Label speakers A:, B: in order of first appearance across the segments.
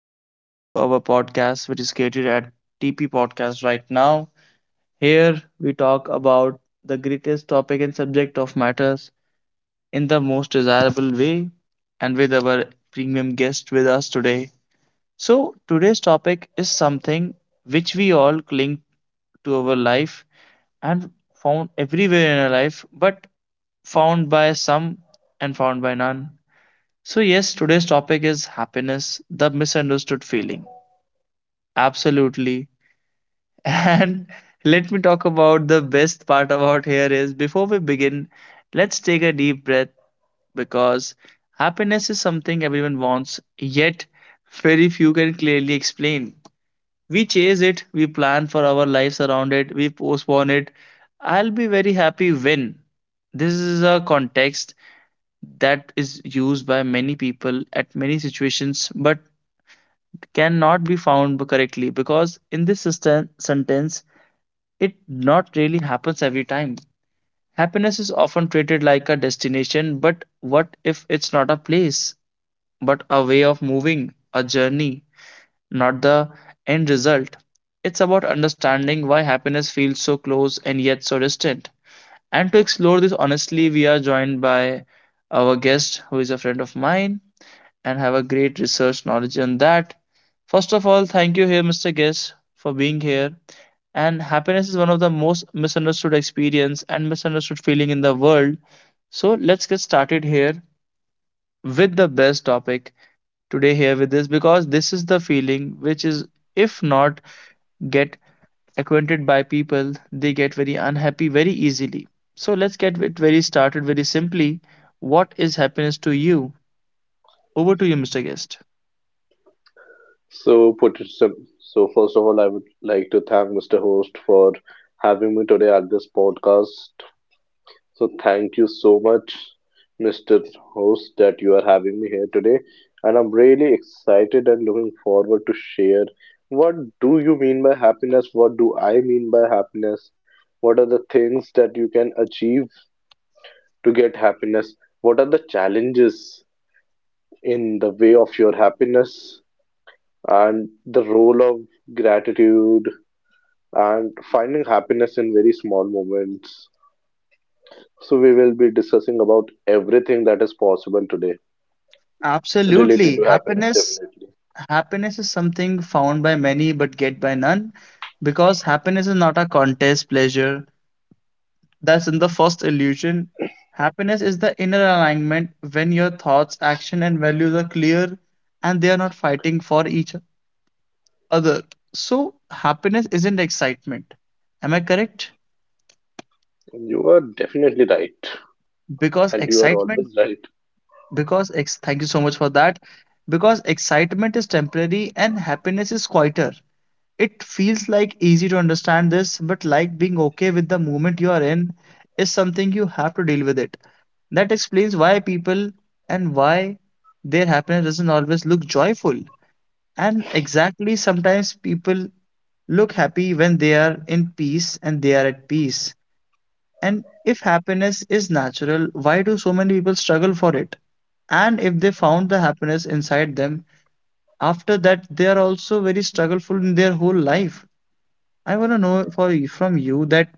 A: everyone to our podcast, which is created at TP Podcast right now. Here we talk about the greatest topic and subject of matters in the most desirable way and with our premium guest with us today. So, today's topic is something which we all cling to our life and found everywhere in our life, but found by some and found by none. So, yes, today's topic is happiness, the misunderstood feeling. Absolutely. And let me talk about the best part about here is before we begin, let's take a deep breath because happiness is something everyone wants, yet very few can clearly explain. We chase it, we plan for our lives around it, we postpone it. I'll be very happy when. This is a context that is used by many people at many situations but cannot be found correctly because in this sentence it not really happens every time. Happiness is often treated like a destination, but what if it's not a place but a way of moving, a journey, not the end result. It's about understanding why happiness feels so close and yet so distant, and to explore this honestly we are joined by our guest who is a friend of mine and have a great research knowledge on that. First of all, thank you here, Mr. Guest, for being here. And happiness is one of the most misunderstood experience and misunderstood feeling in the world. So let's get started here with the best topic today here with this, because this is the feeling which is, if not get acquainted by people, they get very unhappy very easily. So let's get it very started very simply. What is happiness to you? Over to you, Mr. Guest.
B: So first of all, I would like to thank Mr. Host for having me today at this podcast. So thank you so much, Mr. Host, that you are having me here today. And I'm really excited and looking forward to share what do you mean by happiness? What do I mean by happiness? What are the things that you can achieve to get happiness? What are the challenges in the way of your happiness? And the role of gratitude and finding happiness in very small moments. So we will be discussing about everything that is possible today related
A: Absolutely.
B: to happiness
A: Happiness
B: definitely.
A: happiness is something found by many but get by none, because happiness is not a contest pleasure. That's in the first illusion. Happiness is the inner alignment when your thoughts, action and values are clear and they are not fighting for each other. So happiness isn't excitement. Am I correct?
B: You are definitely right,
A: Because
B: and you are
A: excitement
B: always right.
A: because ex Thank you so much for that. Because excitement is temporary and happiness is quieter. It feels like easy to understand this, but like being okay with the moment you are in is something you have to deal with it. That explains why people, and why their happiness doesn't always look joyful. And exactly sometimes people look happy when they are in peace and they are at peace. And if happiness is natural, why do so many people struggle for it? And if they found the happiness inside them, after that they are also very struggleful in their whole life. I want to know from you that,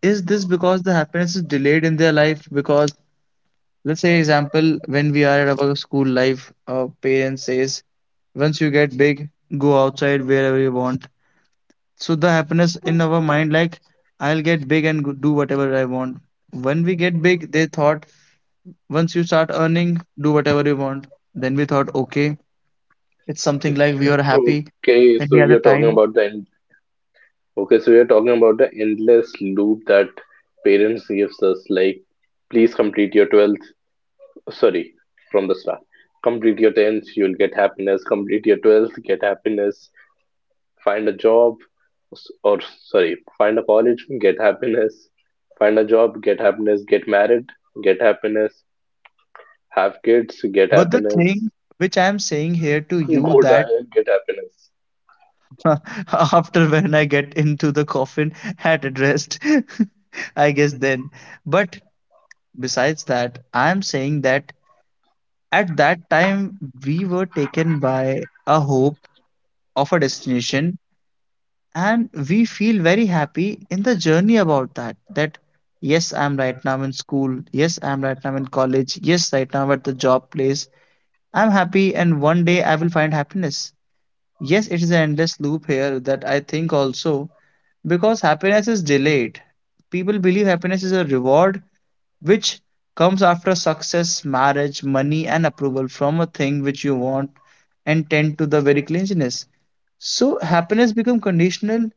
A: is this because the happiness is delayed in their life? Because let's say example, when we are at our school life, our parents says, once you get big, go outside wherever you want. So the happiness in our mind, like, I'll get big and do whatever I want. When we get big, they thought, once you start earning, do whatever you want. Then we thought, okay, it's something like we are happy.
B: Okay,
A: Then
B: so
A: we had a
B: you're talking
A: time.
B: about the end. Okay, so you're talking about the endless loop that parents gives us, like please complete your 12th, sorry from the start, complete your 10th, you'll get happiness, complete your 12th, get happiness, find a job, or sorry find a college, get happiness, find a job, get happiness, get married, get happiness, have kids, get
A: But the
B: happiness,
A: thing which I am saying here to you
B: go
A: that,
B: die and get happiness.
A: after when I get into the coffin at rest, I guess then. But besides that, I'm saying that at that time we were taken by a hope of a destination and we feel very happy in the journey about that. That, yes, I'm right now in school. Yes, I'm right now in college. Yes, right now I'm at the job place. I'm happy and one day I will find happiness. Yes, it is an endless loop here that I think also, because happiness is delayed. People believe happiness is a reward which comes after success, marriage, money, and approval from a thing which you want and tend to the very clinginess. So happiness become conditional,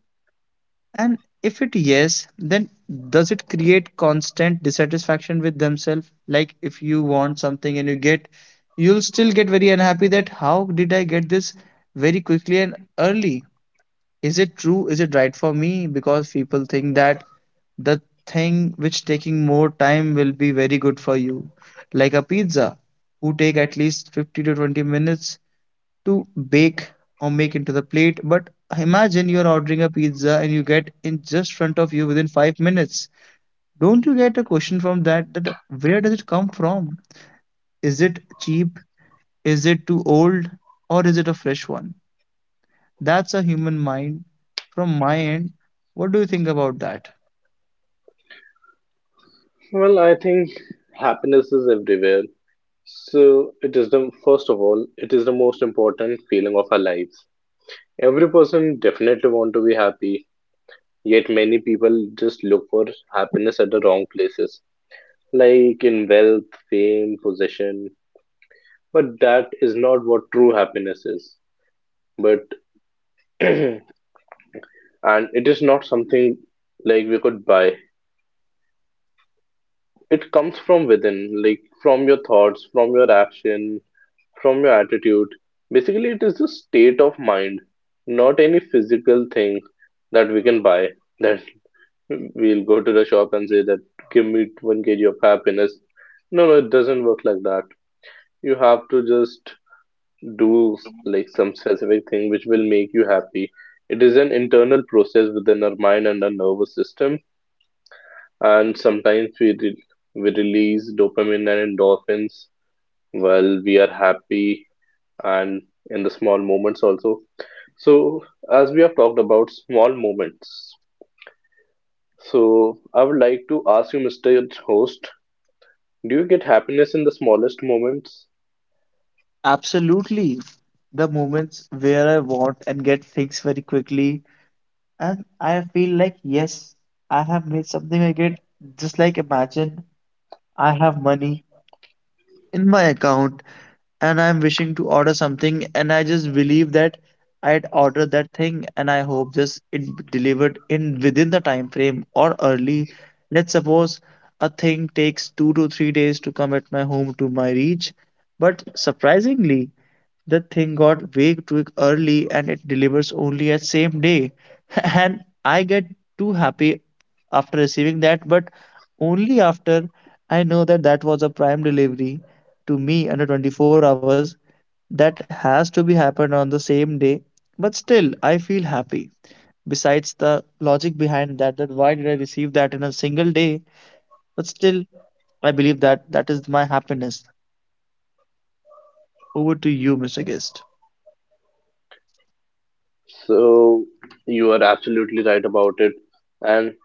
A: and if it yes, then does it create constant dissatisfaction with themselves? Like if you want something and you get, you'll still get very unhappy that how did I get this very quickly and early? Is it true? Is it right for me? Because people think that the thing which taking more time will be very good for you. Like a pizza, who take at least 50 to 20 minutes to bake or make into the plate. But imagine you're ordering a pizza and you get in just front of you within 5 minutes. Don't you get a question from that, that where does it come from? Is it cheap? Is it too old? Or is it a fresh one? That's a human mind. From my end, what do you think about that?
B: Well, I think happiness is everywhere, so it is the most important feeling of our lives. Every person definitely want to be happy, yet many people just look for happiness at the wrong places, like in wealth, fame, possession. But that is not what true happiness is. But and it is not something like we could buy. It comes from within, like from your thoughts, from your action, from your attitude. Basically, it is the state of mind, not any physical thing that we can buy. That we'll go to the shop and say that give me one kg of happiness. No, no, it doesn't work like that. You have to just do like some specific thing which will make you happy. It is an internal process within our mind and our nervous system, and sometimes we release dopamine and endorphins while we are happy, and in the small moments also. So, as we have talked about small moments, so I would like to ask you, Mr. Host, do you get happiness in the smallest moments?
A: Absolutely. The moments where I want and get things very quickly, and I feel like, yes, I have made something I get. Just like imagine I have money in my account and I'm wishing to order something and I just believe that I'd order that thing and I hope just it be delivered in within the time frame or early. Let's suppose a thing takes 2 to 3 days to come at my home to my reach, but surprisingly, the thing got way too early and it delivers only at same day. And I get too happy after receiving that, but only after I know that that was a prime delivery to me under 24 hours that has to be happened on the same day. But still I feel happy, besides the logic behind that, that why did I receive that in a single day. But still I believe that that is my happiness. Over to you, Mr. Guest.
B: So, you are absolutely right about it. And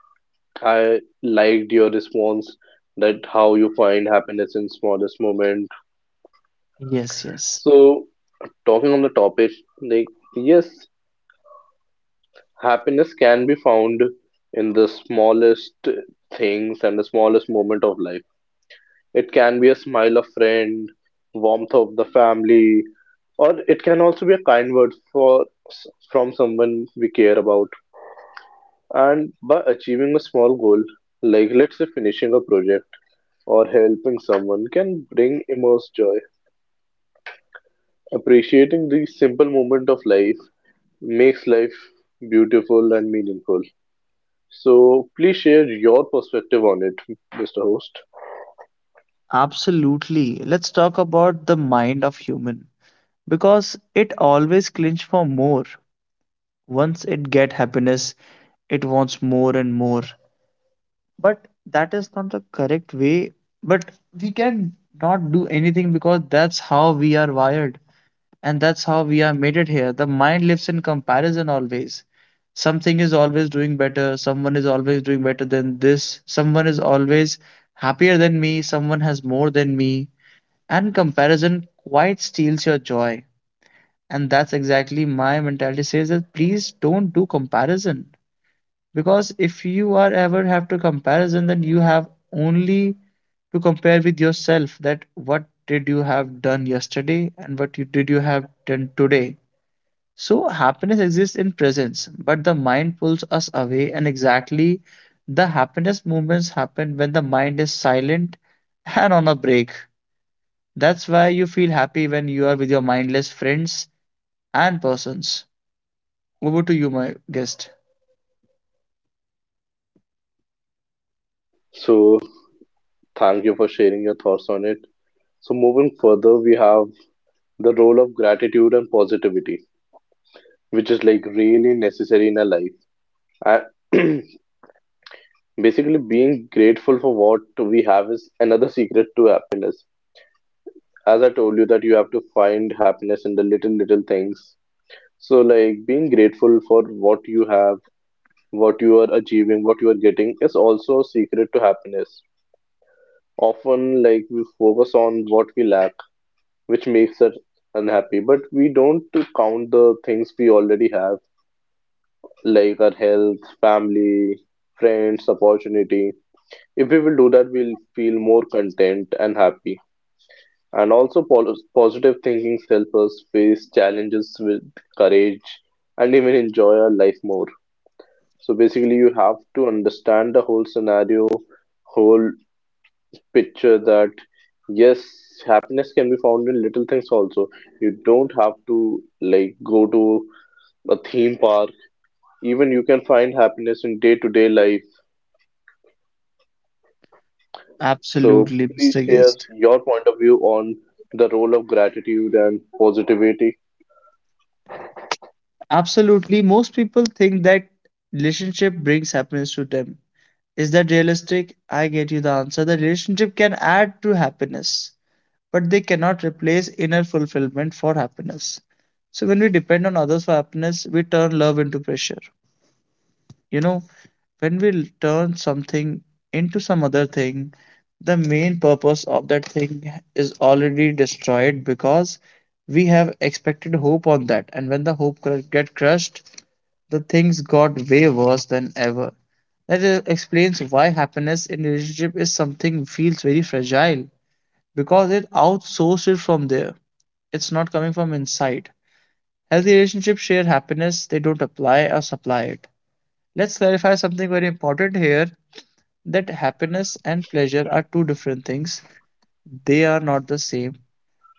B: I liked your response, that how you find happiness in smallest moment.
A: Yes, yes.
B: So talking on the topic, like yes, happiness can be found in the smallest things and the smallest moment of life. It can be a smile of friend, warmth of the family, or it can also be a kind word for from someone we care about. And by achieving a small goal, like let's say finishing a project or helping someone can bring immense joy. Appreciating these simple moments of life makes life beautiful and meaningful. So please share your perspective on it, Mr. Host.
A: Absolutely, let's talk about the mind of human, because it always clinch for more. Once it get happiness, it wants more and more, but that is not the correct way. But we can not do anything, because that's how we are wired and that's how we are made it here. The mind lives in comparison always. Something is always doing better, someone is always doing better than this, someone is always happier than me, someone has more than me. And comparison quite steals your joy, and that's exactly my mentality says that please don't do comparison, because if you are ever have to comparison, then you have only to compare with yourself, that what did you have done yesterday and what you have done today. So happiness exists in presence but the mind pulls us away, and exactly the happiness movements happen when the mind is silent and on a break. That's why you feel happy when you are with your mindless friends and persons. Over to you, my guest.
B: So thank you for sharing your thoughts on it. So moving further, we have the role of gratitude and positivity, which is like really necessary in our life. And basically, being grateful for what we have is another secret to happiness. As I told you that you have to find happiness in the little little things. So like being grateful for what you have, what you are achieving, what you are getting is also a secret to happiness. Often like we focus on what we lack, which makes us unhappy, but we don't count the things we already have, like our health, family, friends, opportunity. If we will do that, we'll feel more content and happy. And also, positive thinking helps us face challenges with courage and even enjoy our life more. So, basically, you have to understand the whole scenario, whole picture, that yes, happiness can be found in little things also. You don't have to like go to a theme park, even you can find happiness in day to day life. So,
A: Absolutely,
B: please
A: Mr.
B: share
A: Guest.
B: your point of view on the role of gratitude and positivity.
A: Absolutely. Most people think that relationship brings happiness to them. Is that realistic? I get you the answer. The relationship can add to happiness, but they cannot replace inner fulfillment for happiness. So when we depend on others for happiness, we turn love into pressure. You know, when we turn something into some other thing, the main purpose of that thing is already destroyed, because we have expected hope on that. And when the hope get crushed, the things got way worse than ever. That explains why happiness in relationship is something feels very fragile, because it outsourced it from there. It's not coming from inside. Healthy relationships share happiness, they don't apply or supply it. Let's clarify something very important here, that happiness and pleasure are two different things. They are not the same,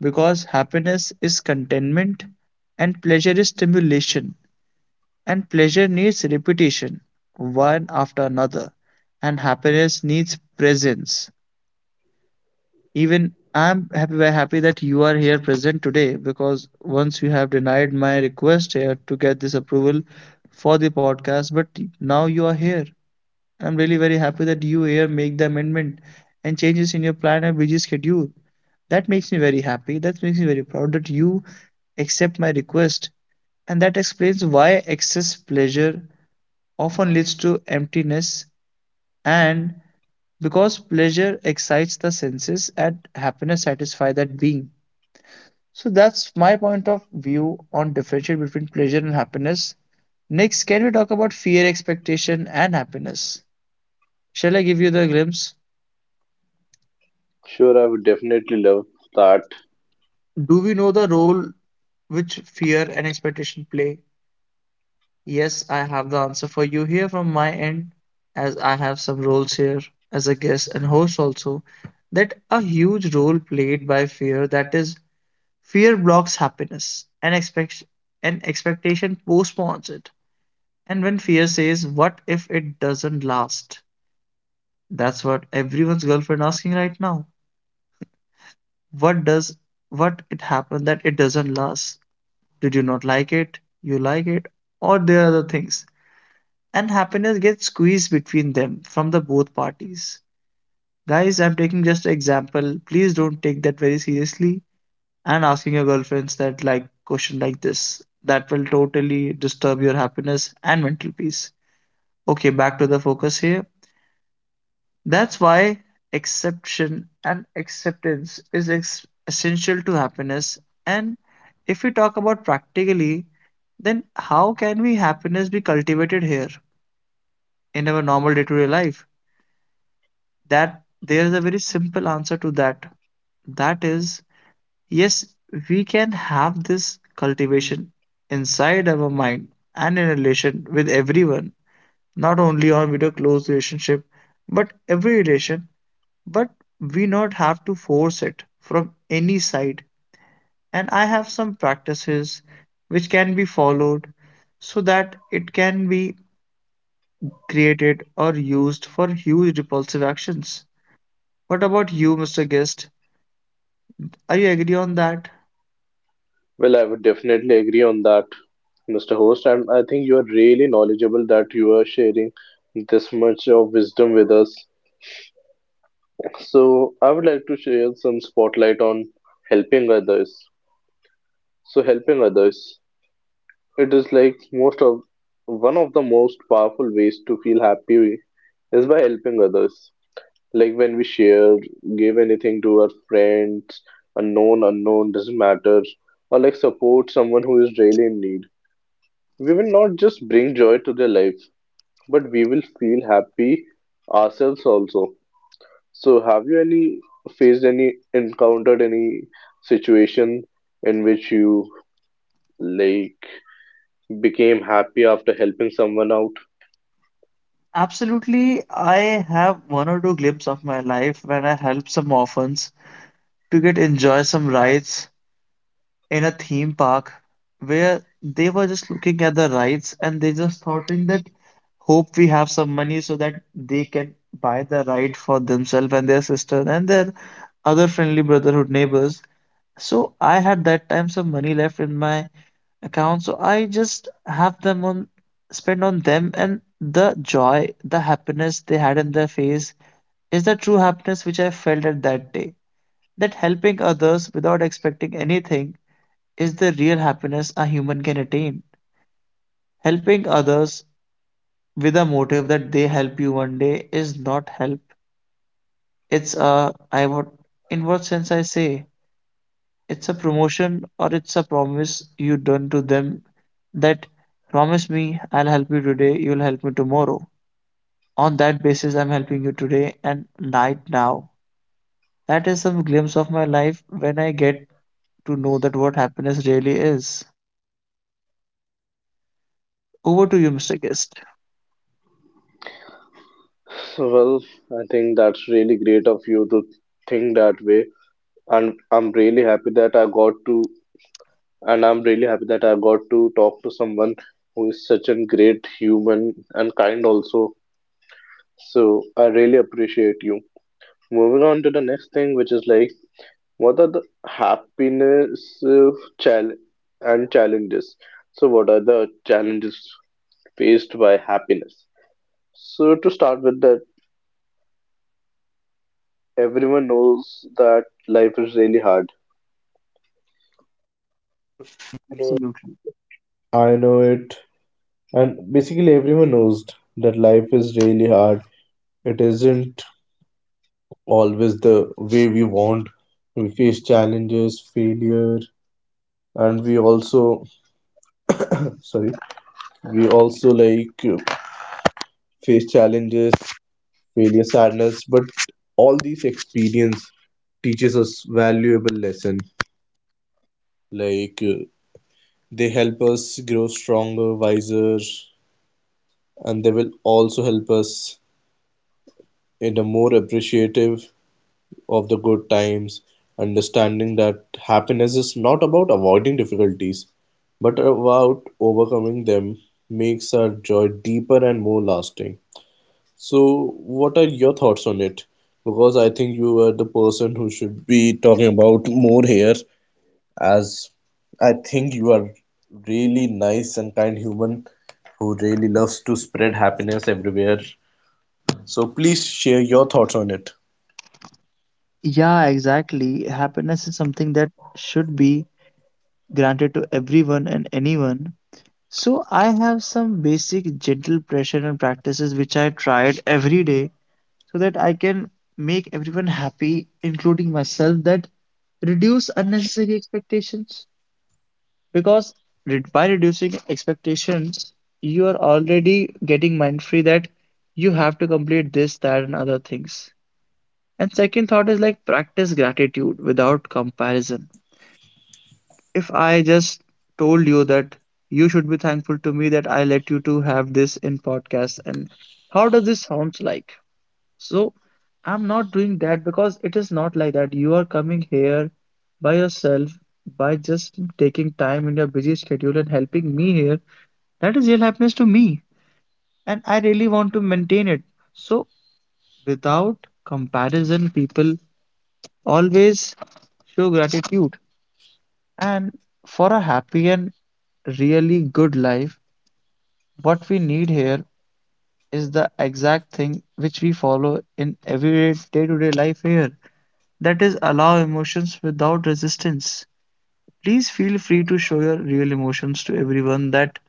A: because happiness is contentment and pleasure is stimulation. And pleasure needs repetition, one after another. And happiness needs presence. Even I'm happy, very happy that you are here present today, because once you have denied my request here to get this approval for the podcast, but now you are here. I'm really very happy that you here make the amendment and changes in your plan and busy schedule. That makes me very happy. That makes me very proud that you accept my request. And that explains why excess pleasure often leads to emptiness, and because pleasure excites the senses and happiness satisfies that being. So that's my point of view on differentiate between pleasure and happiness. Next, can we talk about fear, expectation and happiness? Shall I give you the glimpse?
B: Sure, I would definitely love that.
A: Do we know the role which fear and expectation play? Yes, I have the answer for you here from my end, as I have some roles here as a guest and host also, that a huge role played by fear, that is, fear blocks happiness and expectation postpones it. And when fear says, what if it doesn't last? That's what everyone's girlfriend asking right now. What does what it happened that it doesn't last? Did you not like it? You like it? Or there are other things. And happiness gets squeezed between them from the both parties. Guys, I'm taking just an example. Please don't take that very seriously and asking your girlfriends that like question like this. That will totally disturb your happiness and mental peace. Okay, back to the focus here. That's why exception and acceptance is essential to happiness. And if we talk about practically, then how can we happiness be cultivated here in our normal day-to-day life? That there is a very simple answer to that. That is, yes, we can have this cultivation inside our mind and in relation with everyone, not only on with a close relationship, but every relation. But we not have to force it from any side. And I have some practices which can be followed so that it can be created or used for huge repulsive actions. What about you, Mr. Guest? I agree on that.
B: Well, I would definitely agree on that, Mr. Host. And I think you are really knowledgeable, that you are sharing this much of wisdom with us. So, I would like to share some spotlight on helping others. So, helping others, it is like most of one of the most powerful ways to feel happy is by helping others. Like when we share, give anything to our friends, unknown, unknown, doesn't matter, or like support someone who is really in need. We will not just bring joy to their life, but we will feel happy ourselves also. So, have you any faced any encountered any situation in which you like became happy after helping someone out?
A: Absolutely, I have one or two glimpses of my life when I help some orphans to get enjoy some rides in a theme park where they were just looking at the rides and they just thoughting that hope we have some money so that they can buy the ride for themselves and their sister and their other friendly brotherhood neighbors. So I had that time some money left in my account, so I just have them on spend on them, and the joy, the happiness they had in their face is the true happiness which I felt at that day. That helping others without expecting anything is the real happiness a human can attain. Helping others with a motive that they help you one day is not help. It's a, I, what in what sense I say, it's a promotion, or it's a promise you done to them, that promise me I'll help you today, you'll help me tomorrow. On that basis, I'm helping you today and night now. That is some glimpse of my life when I get to know that what happiness really is. Over to you, Mr. Guest.
B: Well, I think that's really great of you to think that way. And I'm really happy that I got to and I'm really happy that I got to talk to someone who is such a great human and kind also. So I really appreciate you. Moving on to the next thing, which is like, what are the happiness chal challenges? So what are the challenges faced by happiness? So to start with that, everyone knows that life is really hard.
A: Absolutely.
B: I know it. And basically, everyone knows that life is really hard. It isn't always the way we want. We face challenges, failure, and we also, sorry, we also like face challenges, failure, sadness. But all these experience teaches us valuable lesson. Like they help us grow stronger, wiser, and they will also help us in a more appreciative of the good times, understanding that happiness is not about avoiding difficulties, but about overcoming them, makes our joy deeper and more lasting. So, what are your thoughts on it? Because I think you were the person who should be talking about more here, as I think you are really nice and kind human who really loves to spread happiness everywhere. So, please share your thoughts on it.
A: Yeah, exactly. Happiness is something that should be granted to everyone and anyone. So I have some basic gentle pressure and practices which I tried every day so that I can make everyone happy, including myself, that reduce unnecessary expectations. Because by reducing expectations, you are already getting mind free that you have to complete this, that, and other things. And second thought is like practice gratitude without comparison. If I just told you that you should be thankful to me that I let you to have this in podcast, and how does this sounds like? So I'm not doing that because it is not like that. You are coming here by yourself, by just taking time in your busy schedule and helping me here. That is real happiness to me. And I really want to maintain it. So without comparison, people always show gratitude. And for a happy and really good life, what we need here is the exact thing which we follow in every day to day life here. That is allow emotions without resistance. Please feel free to show your real emotions to everyone. That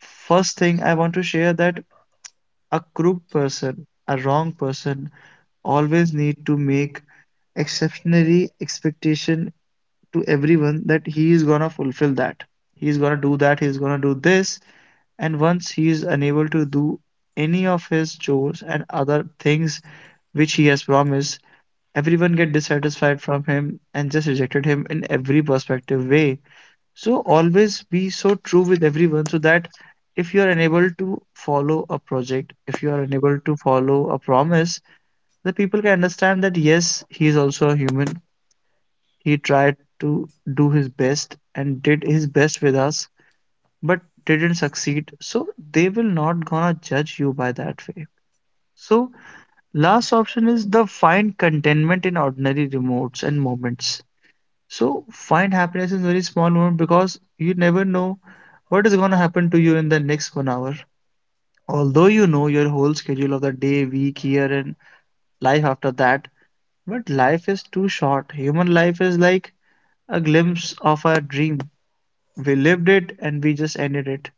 A: first thing I want to share that a crook person, a wrong person always need to make exceptionary expectation to everyone that he is gonna fulfill that. He is gonna do that. He is gonna do this. And once he is unable to do any of his chores and other things which he has promised, everyone get dissatisfied from him and just rejected him in every perspective way. So always be so true with everyone so that if you are unable to follow a project, if you are unable to follow a promise, the people can understand that yes, he is also a human. He tried to do his best and did his best with us, but didn't succeed. So they will not gonna judge you by that way. So last option is the find contentment in ordinary remotes and moments. So find happiness in very small moment because you never know what is gonna happen to you in the next 1 hour. Although you know your whole schedule of the day, week, year, and life after that, but life is too short. Human life is like a glimpse of a dream. We lived it and we just ended it.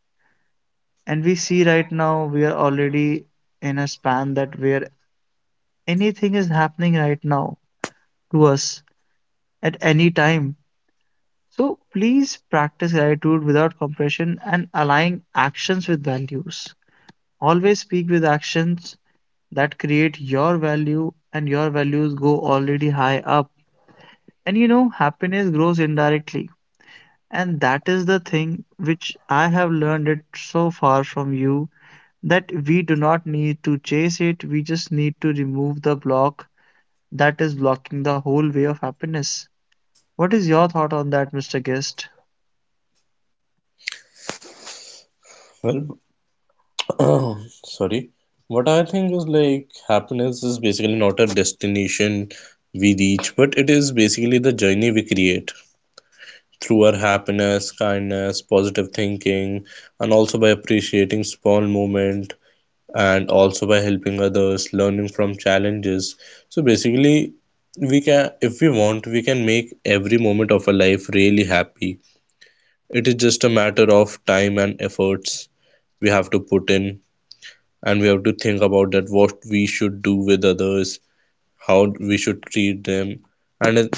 A: And we see right now we are already in a span that where anything is happening right now to us at any time. So please practice gratitude without compression and align actions with values. Always speak with actions that create your value and your values go already high up. And you know, happiness grows indirectly. And that is the thing which I have learned it so far from you, that we do not need to chase it, we just need to remove the block that is blocking the whole way of happiness. What is your thought on that, Mr. Guest?
B: Well, sorry what I think is like happiness is basically not a destination we reach, but it is basically the journey we create through our happiness, kindness, positive thinking, and also by appreciating small moment, and also by helping others, learning from challenges. So basically, we can, if we want, we can make every moment of our life really happy. It is just a matter of time and efforts we have to put in. And we have to think about that what we should do with others, how we should treat them. and it-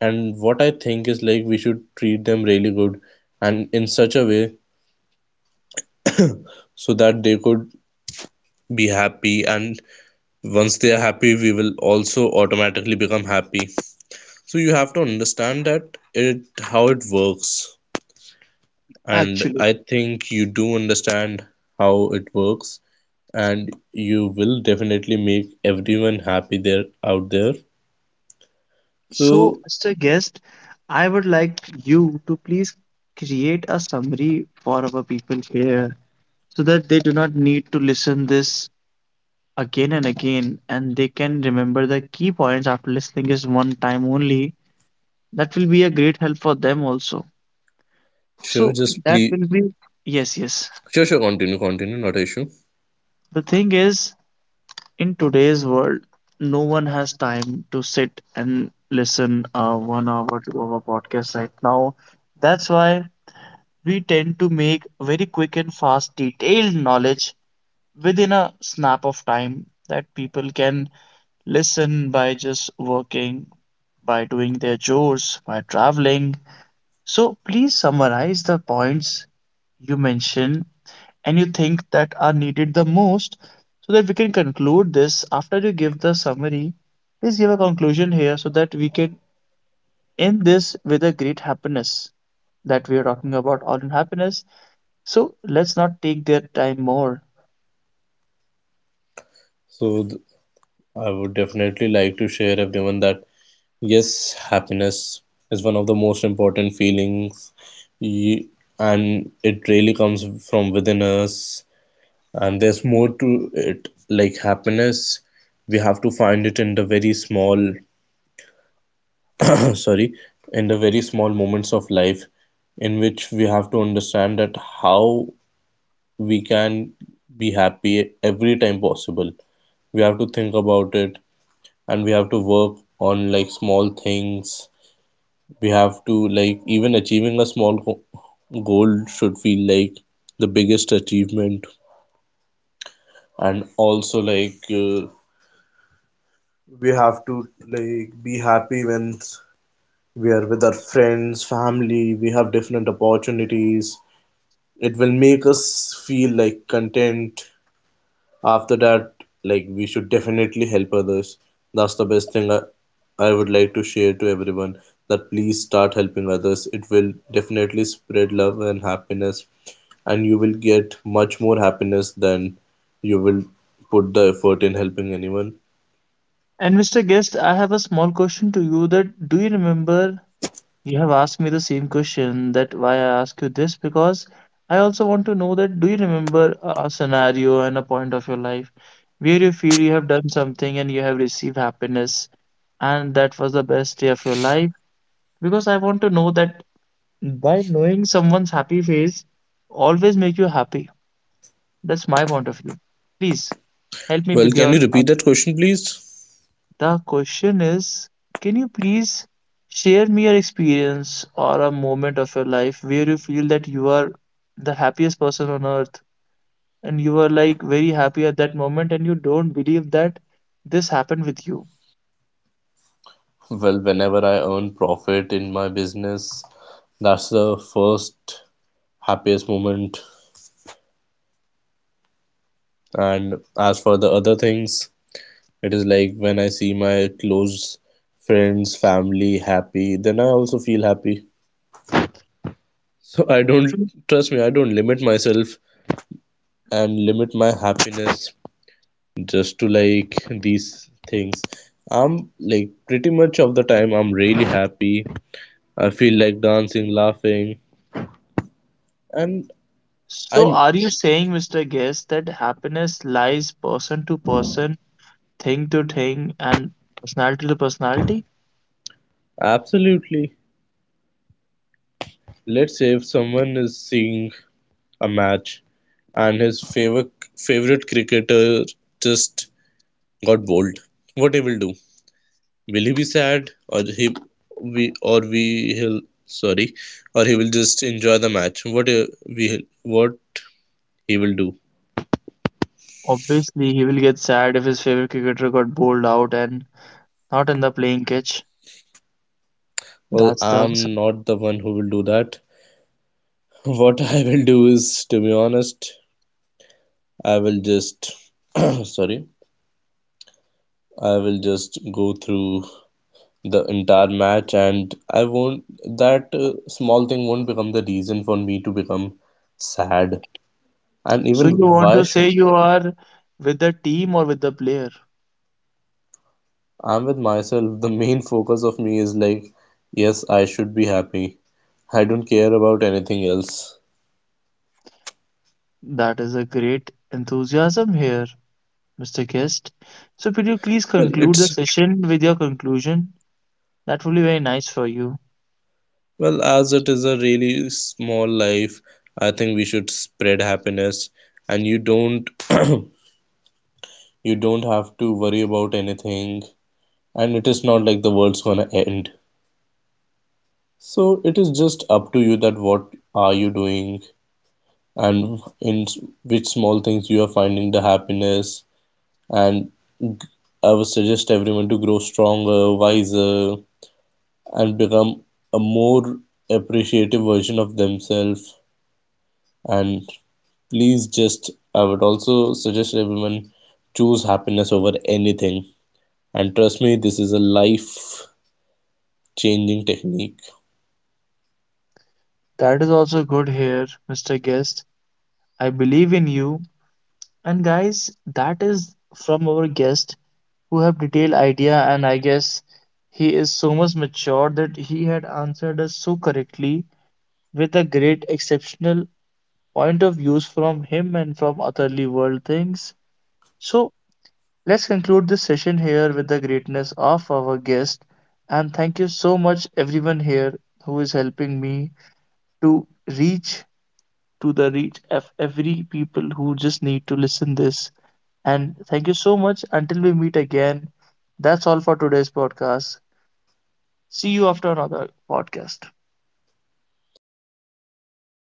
B: and what I think is like we should treat them really good, and in such a way, so that they could be happy. And once they are happy, we will also automatically become happy. So you have to understand that, it how it works. And
A: Actually,
B: I think you do understand how it works, and you will definitely make everyone happy there out there.
A: so
B: so
A: Mr. Guest, I would like you to please create a summary for our people here so that they do not need to listen this again and again and they can remember the key points after listening is one time only. That will be a great help for them also.
B: Sure,
A: So
B: just
A: that
B: please.
A: will be, yes, yes.
B: Sure, sure, continue, continue, not an issue.
A: The thing is, in today's world, no one has time to sit and listen a 1 hour to hour podcast right now. That's why we tend to make very quick and fast, detailed knowledge within a snap of time that people can listen by just working, by doing their chores, by traveling. So please summarize the points you mentioned and you think that are needed the most so that we can conclude this after you give the summary. Please give a conclusion here so that we can end this with a great happiness that we are talking about all in happiness. So let's not take their time more.
B: So th- I would definitely like to share everyone that yes, happiness is one of the most important feelings, y- and it really comes from within us. And there's more to it, like happiness. We have to find it in the very small, sorry, in the very small moments of life, in which we have to understand that how we can be happy every time possible. We have to think about it, and we have to work on like small things. We have to like even achieving a small goal should feel like the biggest achievement. And also like we have to like be happy when we are with our friends, family. We have different opportunities, it will make us feel like content. After that, like we should definitely help others. That's the best thing I would like to share to everyone, that please start helping others, it will definitely spread love and happiness, and you will get much more happiness than you will put the effort in helping anyone.
A: And Mr. Guest, I have a small question to you, that do you remember? You have asked me the same question. That why I ask you this because I also want to know that do you remember a scenario and a point of your life where you feel you have done something and you have received happiness and that was the best day of your life? Because I want to know that by knowing someone's happy face always make you happy. That's my point of view. Please help me
B: Well,
A: with your
B: can you repeat that question, please?
A: the question is, can you please share me your experience or a moment of your life where you feel that you are the happiest person on earth and you are like very happy at that moment and you don't believe that this happened with you?
B: Well, whenever I earn profit in my business, that's the first happiest moment. And as for the other things, it is like when I see my close friends, family happy, then I also feel happy. So I don't,
A: So,
B: trust me, I don't limit myself and limit my happiness just to like these things. I'm like pretty much of the time I'm really happy. I feel like dancing, laughing, and
A: so
B: I'm
A: are you saying, Mr. Guest, that happiness lies person to person, thing to thing, and personality to personality?
B: absolutely. Let's say if someone is seeing a match and his favorite cricketer just got bowled, what he will do? Will he be sad, or he we or we he'll sorry or he will just enjoy the match, we what he will do?
A: Obviously, he will get sad if his favorite cricketer got bowled out and not in the playing catch.
B: Well,
A: That's the
B: I'm
A: answer.
B: not the one who will do that. What I will do, is to be honest, I will just sorry I will just go through the entire match, and I won't, that small thing won't become the reason for me to become sad. And
A: So
B: even
A: you want
B: why
A: to
B: sh-
A: say you are with the team or with the player?
B: I'm with myself. The main focus of me is like, yes, I should be happy. I don't care about anything else.
A: That is a great enthusiasm here, Mr. Guest. So could you please
B: Well,
A: conclude the
B: it's
A: session with your conclusion? That will be very nice for you.
B: well, as it is a really small life, I think we should spread happiness, and you don't you don't have to worry about anything, and it is not like the world's gonna end. So it is just up to you that what are you doing, and in which small things you are finding the happiness. And I would suggest everyone to grow stronger, wiser, and become a more appreciative version of themselves. And please, just I would also suggest everyone, choose happiness over anything. And trust me, this is a life changing technique.
A: That is also good here, Mr. Guest. I believe in you. And guys, that is from our guest who have detailed idea and I guess he is so much mature that he had answered us so correctly with a great exceptional point of views from him and from otherly world things. So let's conclude this session here with the greatness of our guest. And thank you so much, everyone here who is helping me to reach to the reach of every people who just need to listen this. And thank you so much. Until we meet again, that's all for today's podcast. See you after another podcast.
B: Thank you, guys.